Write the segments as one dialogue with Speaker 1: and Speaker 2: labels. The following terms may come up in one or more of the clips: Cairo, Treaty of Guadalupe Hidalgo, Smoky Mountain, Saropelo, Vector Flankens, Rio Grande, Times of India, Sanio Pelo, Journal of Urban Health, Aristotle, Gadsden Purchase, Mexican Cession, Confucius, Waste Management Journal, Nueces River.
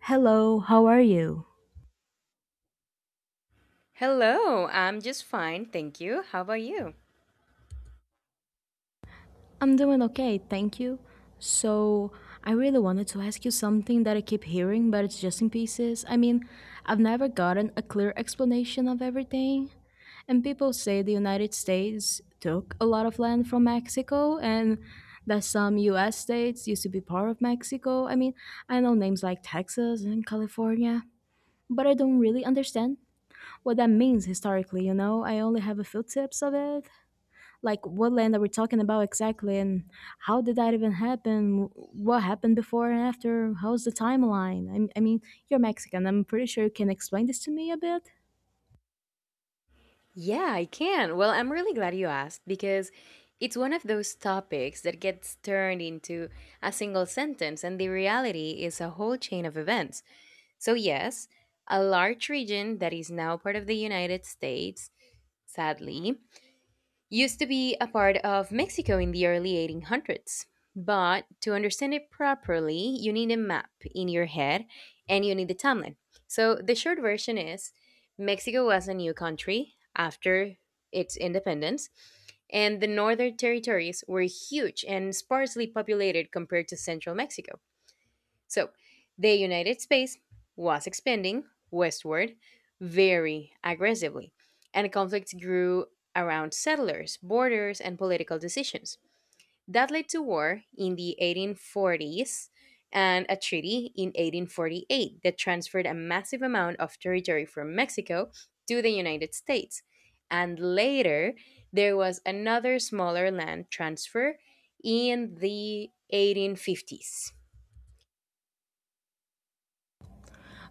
Speaker 1: Hello, how are you?
Speaker 2: Hello, I'm just fine, thank you. How about you?
Speaker 1: I'm doing okay, thank you. So, I really wanted to ask you something that I keep hearing, but it's just in pieces. I mean, I've never gotten a clear explanation of everything. And people say the United States took a lot of land from Mexico and that some US states used to be part of Mexico. I mean, I know names like Texas and California, but I don't really understand what that means historically, you know? I only have a few tips of it, like what land are we talking about exactly, and how did that even happen? What happened before and after? How's the timeline? I mean, you're Mexican, I'm pretty sure you can explain this to me a bit.
Speaker 2: Yeah, I can. Well, I'm really glad you asked because it's one of those topics that gets turned into a single sentence, and the reality is a whole chain of events. So, yes, a large region that is now part of the United States, sadly, used to be a part of Mexico in the early 1800s. But to understand it properly, you need a map in your head and you need the timeline. So the short version is Mexico was a new country after its independence, and the northern territories were huge and sparsely populated compared to central Mexico. So, the United States was expanding westward very aggressively, and conflicts grew around settlers, borders, and political decisions. That led to war in the 1840s and a treaty in 1848 that transferred a massive amount of territory from Mexico to the United States. And later, there was another smaller land transfer in the 1850s.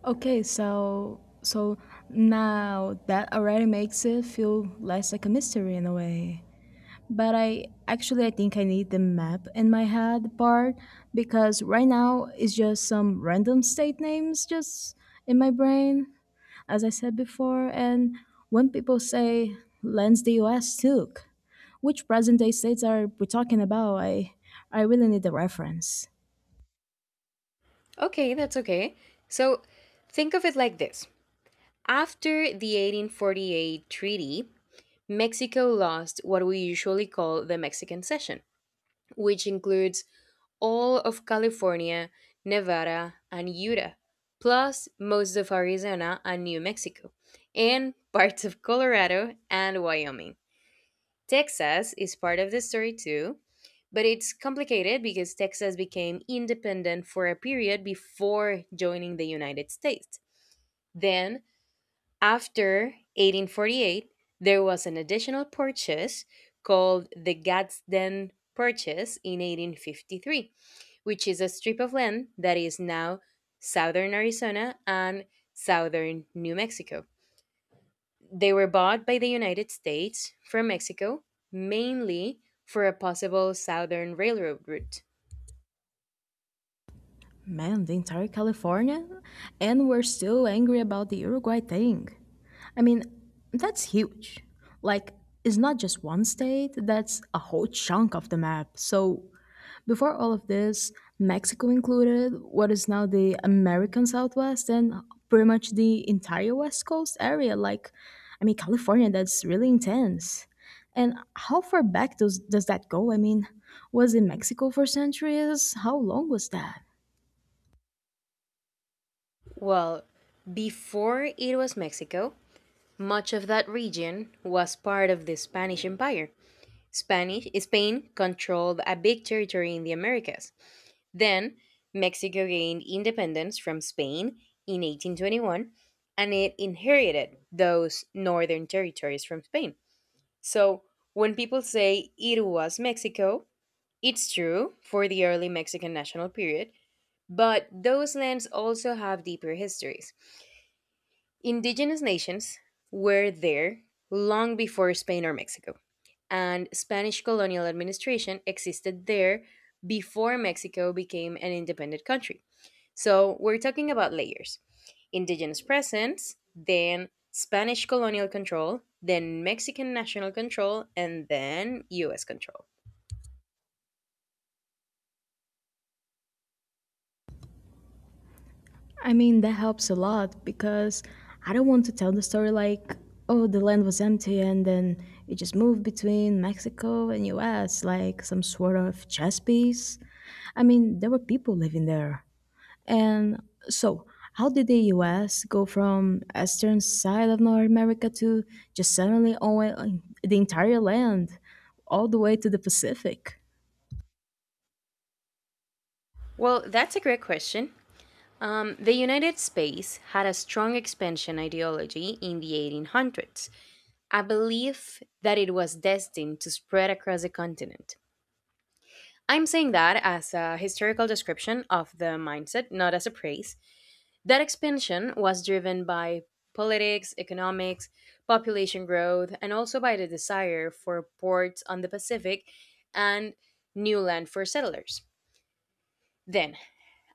Speaker 1: Okay, so now that already makes it feel less like a mystery in a way. But I actually I think I need the map in my head part, because right now it's just some random state names just in my brain, as I said before. And when people say, lands the US took, which present day states are we talking about? I really need the reference.
Speaker 2: Okay, that's okay. So think of it like this. After the 1848 treaty, Mexico lost what we usually call the Mexican Cession, which includes all of California, Nevada, and Utah, plus most of Arizona and New Mexico, and parts of Colorado and Wyoming. Texas is part of the story too, but it's complicated because Texas became independent for a period before joining the United States. Then, after 1848, there was an additional purchase called the Gadsden Purchase in 1853, which is a strip of land that is now southern Arizona and southern New Mexico. They were bought by the United States from Mexico, mainly for a possible southern railroad route.
Speaker 1: Man, the entire California? And we're still angry about the Uruguay thing. I mean, that's huge. Like, it's not just one state, that's a whole chunk of the map. So, before all of this, Mexico included what is now the American Southwest and pretty much the entire West Coast area. Like, I mean, California, that's really intense. And how far back does that go? I mean, was it Mexico for centuries? How long was that?
Speaker 2: Well, before it was Mexico, much of that region was part of the Spanish Empire. Spanish Spain controlled a big territory in the Americas. Then Mexico gained independence from Spain in 1821 and it inherited those northern territories from Spain. So, when people say it was Mexico, it's true for the early Mexican national period, but those lands also have deeper histories. Indigenous nations were there long before Spain or Mexico, and Spanish colonial administration existed there before Mexico became an independent country. So we're talking about layers indigenous presence, then Spanish colonial control, then Mexican national control, and then US control.
Speaker 1: I mean, that helps a lot, because I don't want to tell the story like, oh, the land was empty and then it just moved between Mexico and US like some sort of chess piece. I mean, there were people living there. And so, how did the US go from eastern side of North America to just suddenly own the entire land all the way to the Pacific?
Speaker 2: Well, that's a great question. The United States had a strong expansion ideology in the 1800s, a belief that it was destined to spread across the continent. I'm saying that as a historical description of the mindset, not as a praise. That expansion was driven by politics, economics, population growth, and also by the desire for ports on the Pacific and new land for settlers. Then,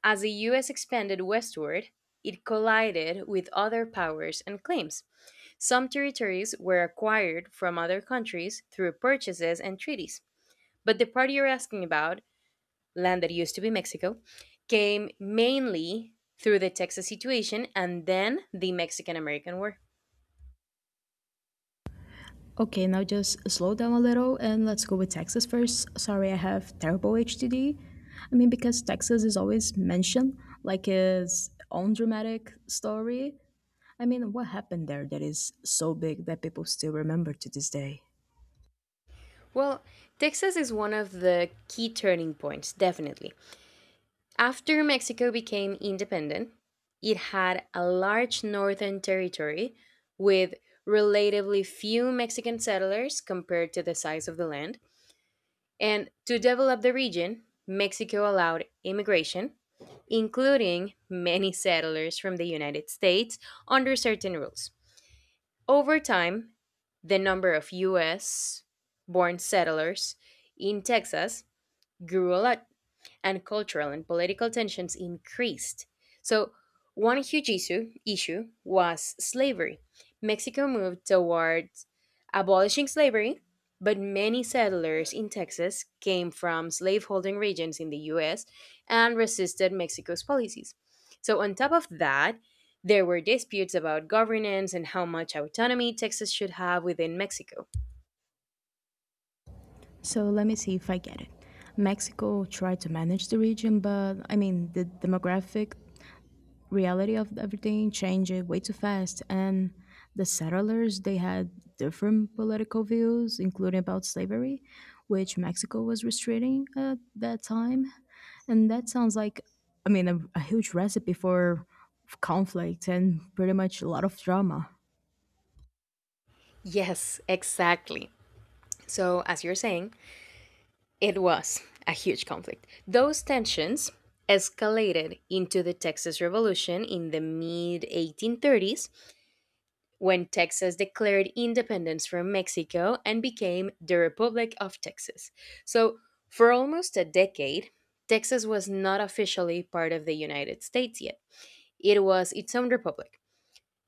Speaker 2: as the US expanded westward, it collided with other powers and claims. Some territories were acquired from other countries through purchases and treaties. But the part you're asking about, land that used to be Mexico, came mainly through the Texas situation and then the Mexican American War.
Speaker 1: Okay, now just slow down a little and let's go with Texas first. Sorry, I have terrible HTD. I mean, because Texas is always mentioned like its own dramatic story. I mean, what happened there that is so big that people still remember to this day?
Speaker 2: Well, Texas is one of the key turning points, definitely. After Mexico became independent, it had a large northern territory with relatively few Mexican settlers compared to the size of the land. And to develop the region, Mexico allowed immigration, including many settlers from the United States under certain rules. Over time, the number of US born settlers in Texas grew a lot and cultural and political tensions increased. So, one huge issue was slavery. Mexico moved toward abolishing slavery, but many settlers in Texas came from slaveholding regions in the US and resisted Mexico's policies. So, on top of that, there were disputes about governance and how much autonomy Texas should have within Mexico.
Speaker 1: So let me see if I get it. Mexico tried to manage the region, but I mean, the demographic reality of everything changed way too fast. And the settlers, they had different political views, including about slavery, which Mexico was restraining at that time. And that sounds like, I mean, a huge recipe for conflict and pretty much a lot of drama.
Speaker 2: Yes, exactly. So, as you're saying, it was a huge conflict. Those tensions escalated into the Texas Revolution in the mid 1830s when Texas declared independence from Mexico and became the Republic of Texas. So, for almost a decade, Texas was not officially part of the United States yet. It was its own republic.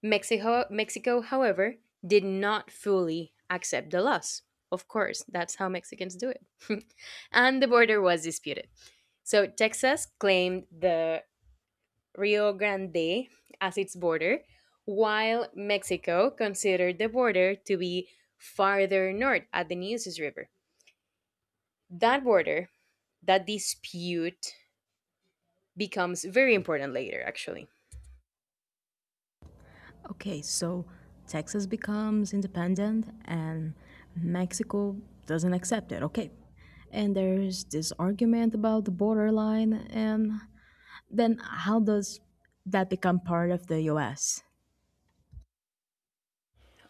Speaker 2: Mexico, however, did not fully accept the loss. Of course, that's how Mexicans do it. And the border was disputed. So Texas claimed the Rio Grande as its border, while Mexico considered the border to be farther north at the Nueces River. That border, that dispute, becomes very important later, actually.
Speaker 1: Okay, so Texas becomes independent and Mexico doesn't accept it. Okay. And there's this argument about the borderline, and then how does that become part of the US?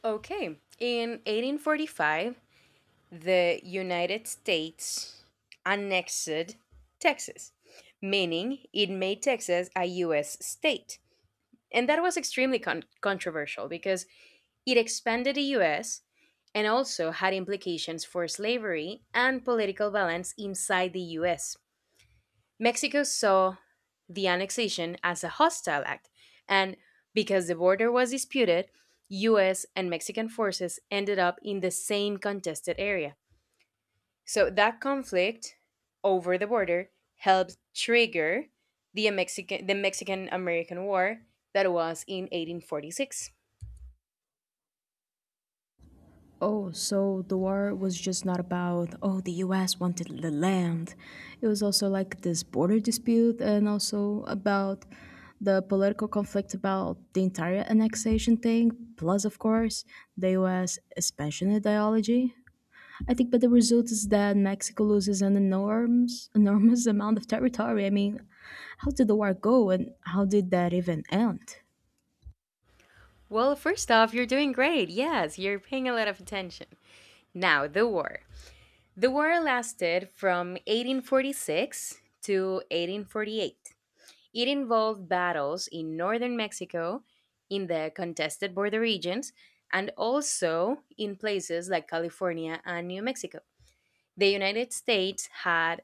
Speaker 2: Okay, in 1845, the United States annexed Texas, meaning it made Texas a US state. And that was extremely controversial because it expanded the US and also had implications for slavery and political balance inside the US. Mexico saw the annexation as a hostile act and because the border was disputed, US and Mexican forces ended up in the same contested area. So that conflict over the border helped trigger the Mexican American War that was in 1846.
Speaker 1: Oh, so the war was just not about, oh, the US wanted the land. It was also like this border dispute and also about the political conflict about the entire annexation thing, plus, of course, the US expansion ideology. I think, but the result is that Mexico loses an enormous, enormous amount of territory. I mean, how did the war go and how did that even end?
Speaker 2: Well, first off, you're doing great. Yes, you're paying a lot of attention. Now, the war. The war lasted from 1846 to 1848. It involved battles in northern Mexico, in the contested border regions, and also in places like California and New Mexico. The United States had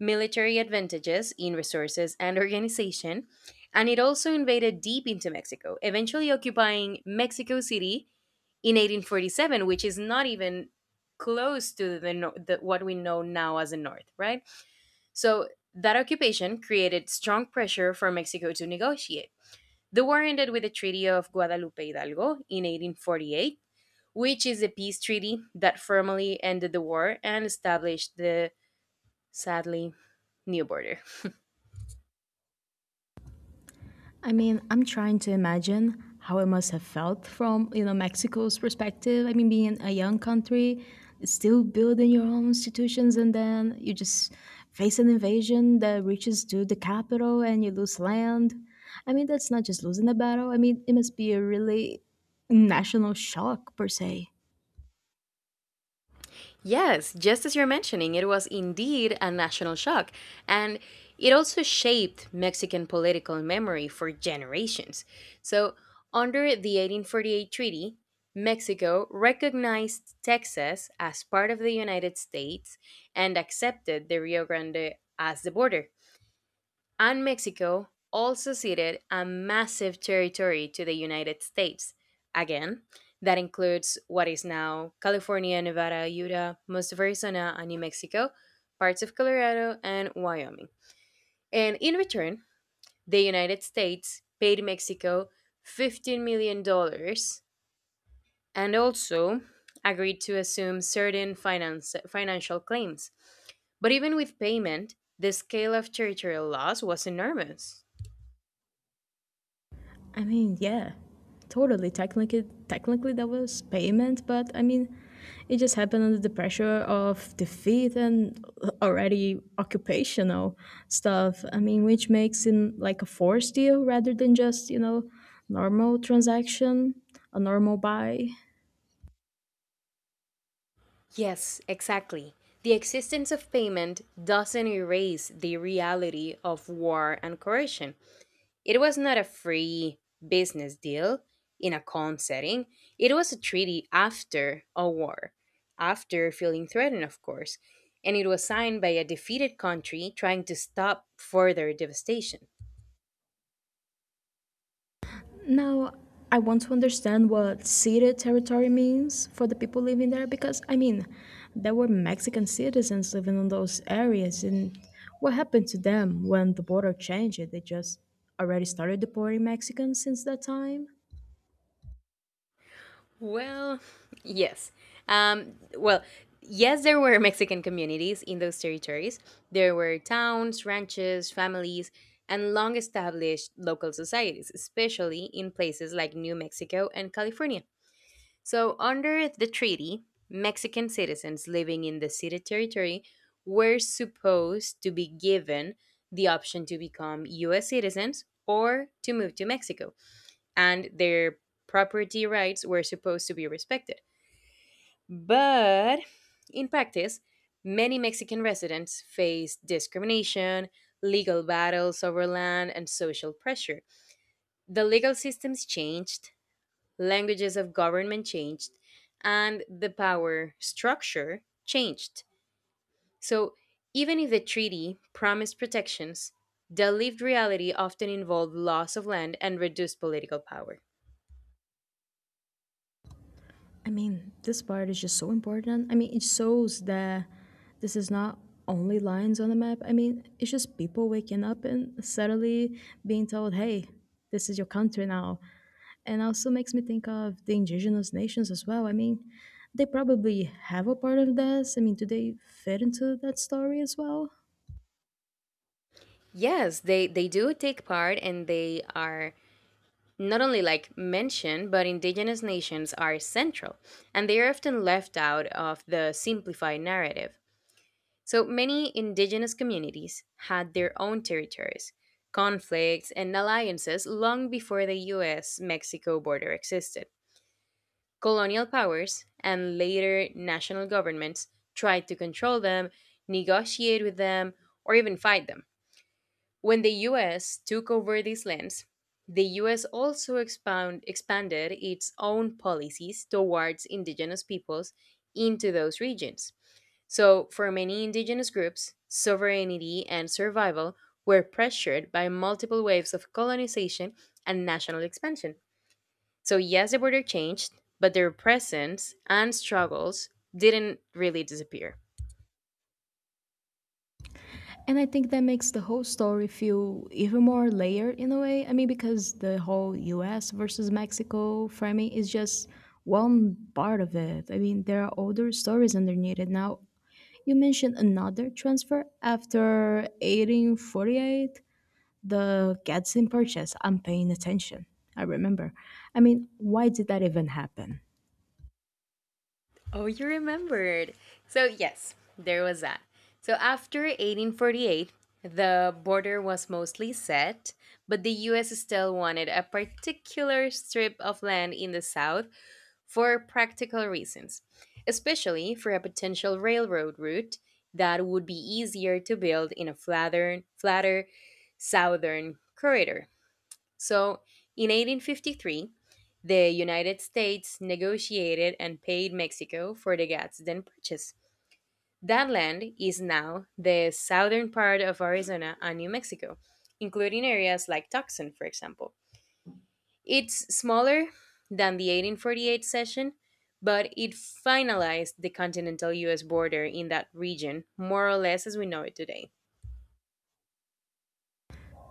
Speaker 2: military advantages in resources and organization, and it also invaded deep into Mexico, eventually occupying Mexico City in 1847, which is not even close to the, nor- the what we know now as the North, right? So that occupation created strong pressure for Mexico to negotiate. The war ended with the Treaty of Guadalupe Hidalgo in 1848, which is a peace treaty that formally ended the war and established the sadly, new border.
Speaker 1: I mean, I'm trying to imagine how it must have felt from Mexico's perspective. I mean, being a young country, still building your own institutions, and then you just face an invasion that reaches to the capital and you lose land. I mean, that's not just losing a battle. I mean, it must be a really national shock per se.
Speaker 2: Yes, just as you're mentioning, it was indeed a national shock, and it also shaped Mexican political memory for generations. So, under the 1848 treaty, Mexico recognized Texas as part of the United States and accepted the Rio Grande as the border. And Mexico also ceded a massive territory to the United States. Again, that includes what is now California, Nevada, Utah, most of Arizona and New Mexico, parts of Colorado, and Wyoming. And in return, the United States paid Mexico $15 million dollars and also agreed to assume certain financial claims. But even with payment, the scale of territorial loss was enormous.
Speaker 1: I mean, yeah, totally. Technically, that was payment, but I mean, it just happened under the pressure of defeat and already occupational stuff. I mean, which makes it like a forced deal rather than just normal transaction, a normal buy.
Speaker 2: Yes, exactly. The existence of payment doesn't erase the reality of war and coercion. It was not a free business deal in a calm setting, it was a treaty after a war, after feeling threatened, of course, and it was signed by a defeated country trying to stop further devastation.
Speaker 1: Now, I want to understand what ceded territory means for the people living there, because, I mean, there were Mexican citizens living in those areas, and what happened to them when the border changed? They just already started deporting Mexicans since that time?
Speaker 2: Well, yes. Um, well, yes, there were Mexican communities in those territories. There were towns, ranches, families, and long established local societies, especially in places like New Mexico and California. So, under the treaty, Mexican citizens living in the city territory were supposed to be given the option to become US citizens or to move to Mexico and their property rights were supposed to be respected. But in practice, many Mexican residents faced discrimination, legal battles over land, and social pressure. The legal systems changed, languages of government changed, and the power structure changed. So, even if the treaty promised protections, the lived reality often involved loss of land and reduced political power.
Speaker 1: I mean, this part is just so important. I mean, it shows that this is not only lines on the map. I mean, it's just people waking up and suddenly being told, hey, this is your country now. And also makes me think of the indigenous nations as well. I mean, they probably have a part of this. I mean, do they fit into that story as well?
Speaker 2: Yes, they do take part and they are not only like mentioned, but indigenous nations are central and they are often left out of the simplified narrative. So many indigenous communities had their own territories, conflicts, and alliances long before the US Mexico border existed. Colonial powers and later national governments tried to control them, negotiate with them, or even fight them. When the US took over these lands, the US also expanded its own policies towards indigenous peoples into those regions. So, for many indigenous groups, sovereignty and survival were pressured by multiple waves of colonization and national expansion. So, yes, the border changed, but their presence and struggles didn't really disappear.
Speaker 1: And I think that makes the whole story feel even more layered in a way. I mean, because the whole US versus Mexico framing is just one part of it. I mean, there are older stories underneath it. Now, you mentioned another transfer after 1848. The Gadsden purchase, I'm paying attention. I remember. I mean, why did that even happen?
Speaker 2: Oh, you remembered. So, yes, there was that. So, after 1848, the border was mostly set, but the US still wanted a particular strip of land in the south for practical reasons, especially for a potential railroad route that would be easier to build in a flatter southern corridor. So, in 1853, the United States negotiated and paid Mexico for the Gadsden Purchase. That land is now the southern part of Arizona and New Mexico, including areas like Tucson, for example. It's smaller than the 1848 cession, but it finalized the continental US border in that region, more or less as we know it today.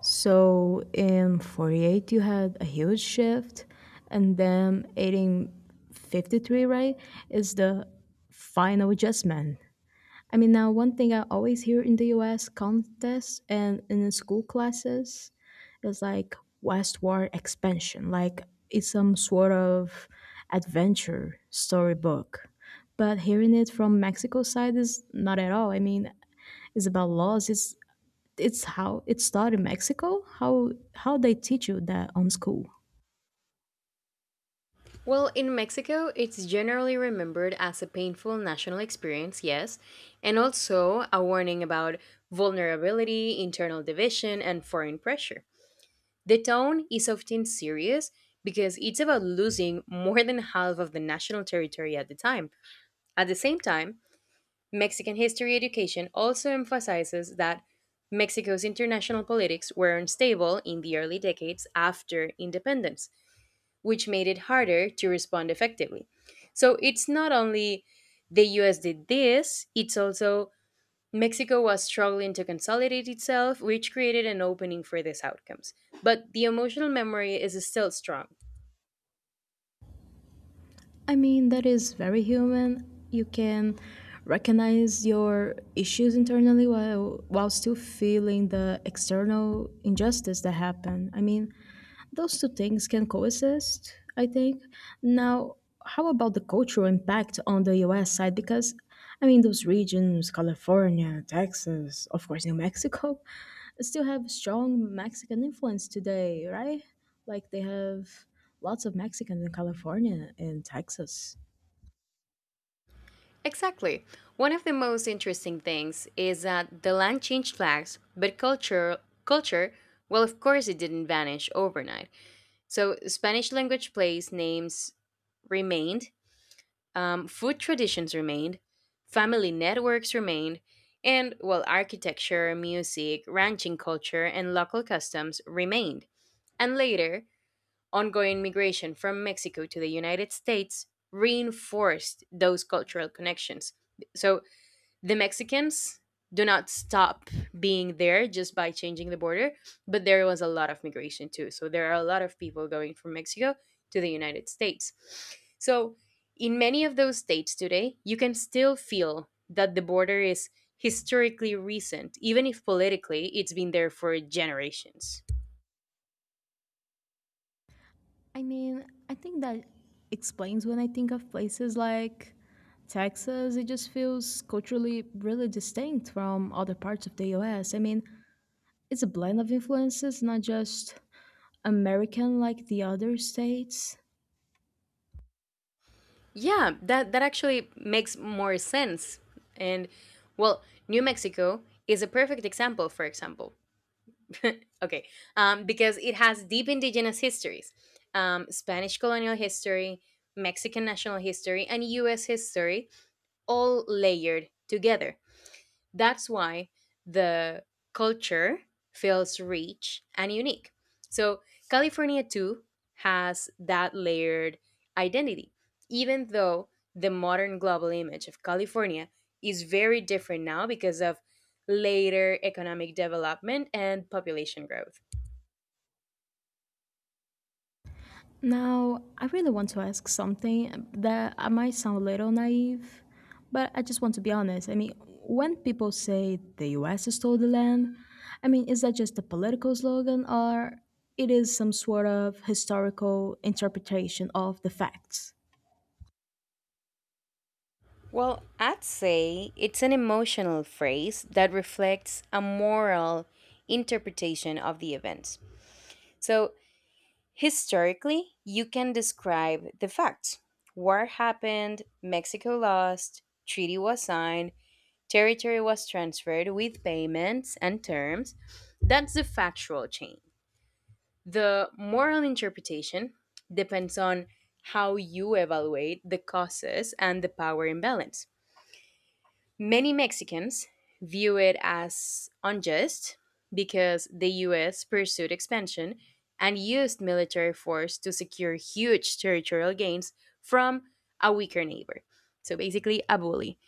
Speaker 1: So in 48, you had a huge shift, and then 1853, right, is the final adjustment. I mean, now one thing I always hear in the US contests and in school classes is like westward expansion, like it's some sort of adventure storybook. But hearing it from Mexico side is not at all. I mean, it's about laws. It's how it started in Mexico. How they teach you that on school.
Speaker 2: Well, in Mexico, it's generally remembered as a painful national experience, yes, and also a warning about vulnerability, internal division, and foreign pressure. The tone is often serious because it's about losing more than half of the national territory at the time. At the same time, Mexican history education also emphasizes that Mexico's international politics were unstable in the early decades after independence which made it harder to respond effectively. So it's not only the US did this, it's also Mexico was struggling to consolidate itself, which created an opening for these outcomes. But the emotional memory is still strong.
Speaker 1: I mean, that is very human. You can recognize your issues internally while still feeling the external injustice that happened. I mean, those two things can coexist, I think. Now, how about the cultural impact on the US side? Because, I mean, those regions, California, Texas, of course, New Mexico, still have strong Mexican influence today, right? Like, they have lots of Mexicans in California and Texas.
Speaker 2: Exactly. One of the most interesting things is that the land changed flags, but culture, well of course it didn't vanish overnight. So Spanish language plays names remained. Food traditions remained, family networks remained, and while architecture, music, ranching culture, and local customs remained. And later, ongoing migration from Mexico to the United States reinforced those cultural connections. So the Mexicans do not stop being there just by changing the border, but there was a lot of migration too. So there are a lot of people going from Mexico to the United States. So in many of those states today, you can still feel that the border is historically recent, even if politically it's been there for generations.
Speaker 1: I mean, I think that explains when I think of places like Texas, it just feels culturally really distinct from other parts of the US. I mean, it's a blend of influences, not just American like the other states.
Speaker 2: Yeah, that actually makes more sense. And well, New Mexico is a perfect example, for example. Okay, because it has deep indigenous histories, Spanish colonial history, Mexican national history, and US history, all layered together. That's why the culture feels rich and unique. So, California too has that layered identity, even though the modern global image of California is very different now because of later economic development and population growth.
Speaker 1: Now, I really want to ask something that I might sound a little naive, but I just want to be honest. I mean, when people say the US stole the land, I mean, is that just a political slogan or it is some sort of historical interpretation of the facts?
Speaker 2: Well, I'd say it's an emotional phrase that reflects a moral interpretation of the events. So, historically, you can describe the facts: war happened, Mexico lost, treaty was signed, territory was transferred with payments and terms. That's the factual chain. The moral interpretation depends on how you evaluate the causes and the power imbalance. Many Mexicans view it as unjust because the US pursued expansion and used military force to secure huge territorial gains from a weaker neighbor. So basically, a bully.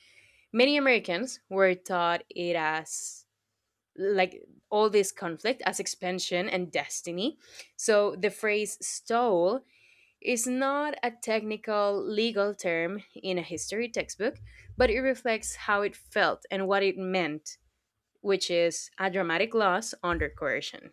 Speaker 2: Many Americans were taught it as, like, all this conflict as expansion and destiny. So the phrase "stole" is not a technical legal term in a history textbook, but it reflects how it felt and what it meant, which is a dramatic loss under coercion.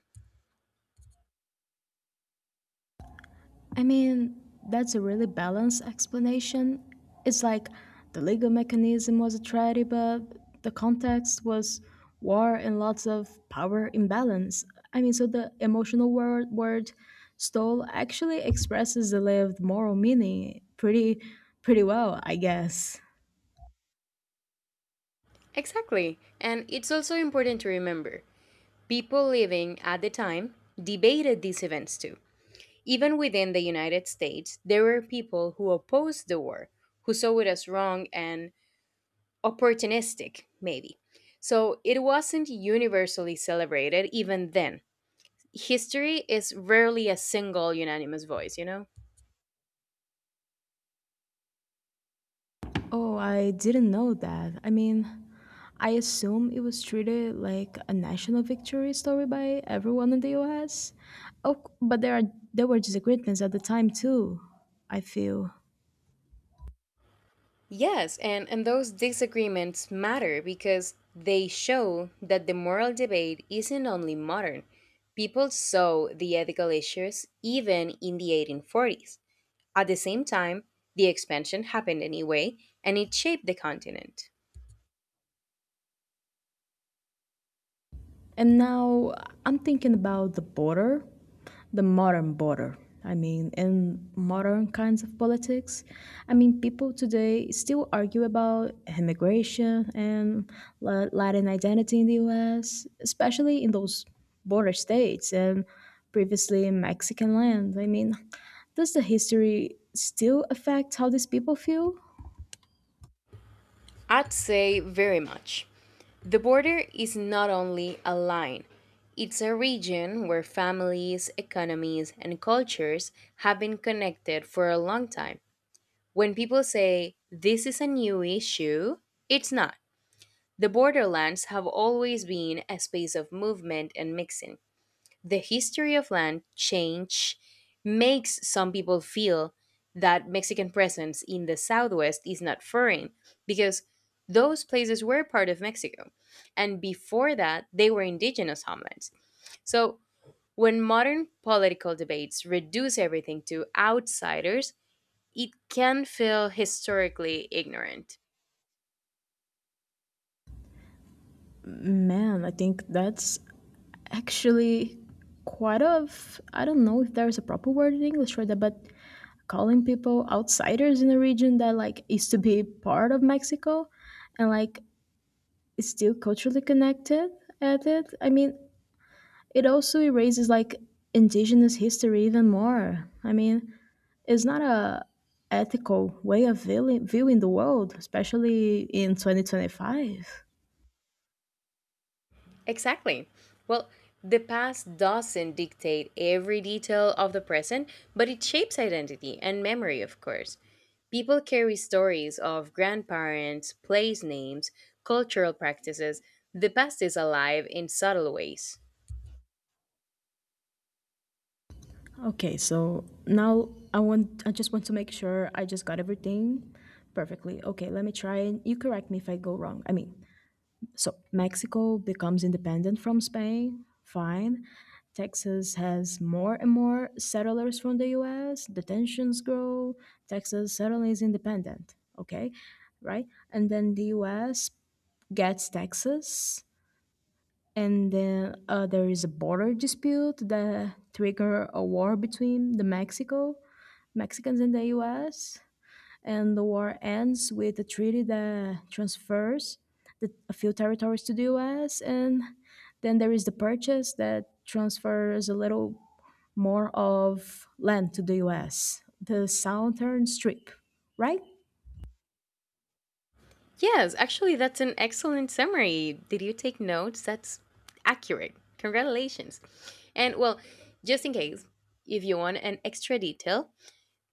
Speaker 1: I mean, that's a really balanced explanation. It's like the legal mechanism was a tragedy, but the context was war and lots of power imbalance. I mean, so the emotional word stole actually expresses the lived moral meaning pretty, pretty well, I guess.
Speaker 2: Exactly. And it's also important to remember people living at the time debated these events too. Even within the United States, there were people who opposed the war, who saw it as wrong and opportunistic, maybe. So it wasn't universally celebrated even then. History is rarely a single unanimous voice, you know?
Speaker 1: Oh, I didn't know that. I mean, I assume it was treated like a national victory story by everyone in the US. Oh, but there were disagreements at the time too, I feel.
Speaker 2: Yes, and those disagreements matter because they show that the moral debate isn't only modern. People saw the ethical issues even in the 1840s. At the same time, the expansion happened anyway, and it shaped the continent.
Speaker 1: And now I'm thinking about the border, the modern border. I mean, in modern kinds of politics, I mean, people today still argue about immigration and Latin identity in the US, especially in those border states and previously in Mexican land. I mean, does the history still affect how these people feel?
Speaker 2: I'd say very much. The border is not only a line, it's a region where families, economies, and cultures have been connected for a long time. When people say this is a new issue, it's not. The borderlands have always been a space of movement and mixing. The history of land change makes some people feel that Mexican presence in the Southwest is not foreign because those places were part of Mexico. And before that, they were indigenous homelands. So when modern political debates reduce everything to outsiders, it can feel historically ignorant.
Speaker 1: Man, I think that's actually quite of, I don't know if there's a proper word in English for that, but calling people outsiders in a region that like used to be part of Mexico and like is still culturally connected at it. I mean, it also erases like indigenous history even more. I mean, it's not a ethical way of viewing the world, especially in 2025.
Speaker 2: Exactly. Well, the past doesn't dictate every detail of the present, but it shapes identity and memory, of course. People carry stories of grandparents, place names, cultural practices. The past is alive in subtle ways.
Speaker 1: Okay, so now I just want to make sure I just got everything perfectly. Okay, let me try and you correct me if I go wrong. I mean, so Mexico becomes independent from Spain, fine. Texas has more and more settlers from the US, the tensions grow, Texas suddenly is independent, okay? Right? And then the US gets Texas, and then there is a border dispute that trigger a war between the Mexicans and the U.S. And the war ends with a treaty that transfers a few territories to the U.S. And then there is the purchase that transfers a little more of land to the U.S. The southern strip, right?
Speaker 2: Yes, actually, that's an excellent summary. Did you take notes? That's accurate. Congratulations. And well, just in case, if you want an extra detail,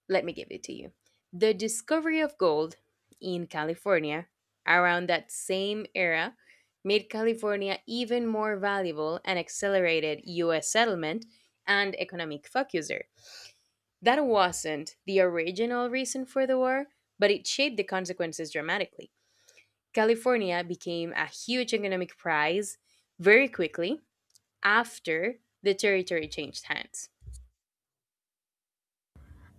Speaker 2: let me give it to you. The discovery of gold in California around that same era made California even more valuable and accelerated US settlement and economic focuser. That wasn't the original reason for the war, but it shaped the consequences dramatically. California became a huge economic prize very quickly after the territory changed hands.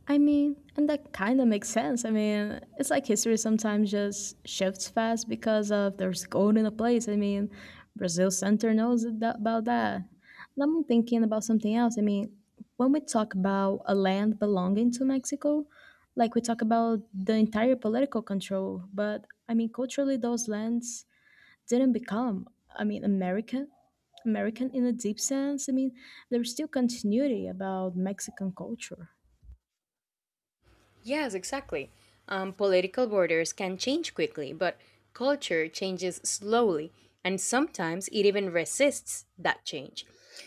Speaker 1: I mean, and that kind of makes sense. I mean, it's like history sometimes just shifts fast because of there's gold in a place. I mean, Brazil Center knows that, about that. And I'm thinking about something else. I mean, when we talk about a land belonging to Mexico, like we talk about the entire political control, but I mean, culturally, those lands didn't become, I mean, American. American in a deep sense. I mean, there's still continuity about Mexican culture.
Speaker 2: Yes, exactly. Political borders can change quickly, but culture changes slowly, and sometimes it even resists that change.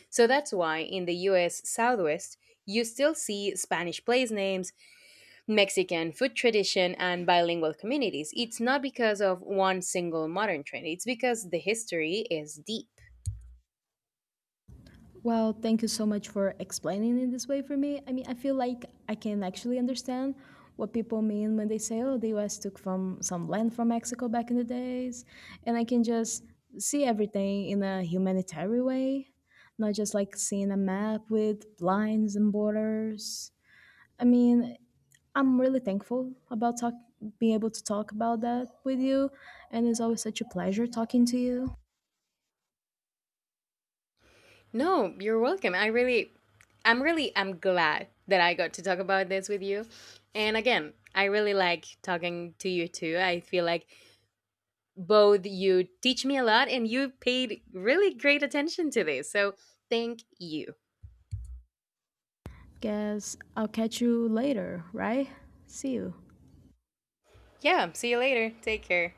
Speaker 2: So that's why in the US Southwest, you still see Spanish place names, Mexican food tradition, and bilingual communities. It's not because of one single modern trend, it's because the history is deep.
Speaker 1: Well, thank you so much for explaining it this way for me. I mean, I feel like I can actually understand what people mean when they say, "Oh, the U.S. took from some land from Mexico back in the days," and I can just see everything in a humanitarian way, not just like seeing a map with lines and borders. I mean, I'm really thankful about being able to talk about that with you, and it's always such a pleasure talking to you.
Speaker 2: No, you're welcome. I'm really I'm glad that I got to talk about this with you. And again, I really like talking to you too. I feel like both you teach me a lot and you paid really great attention to this. So thank you.
Speaker 1: Guess I'll catch you later, right? See you.
Speaker 2: Yeah, see you later. Take care.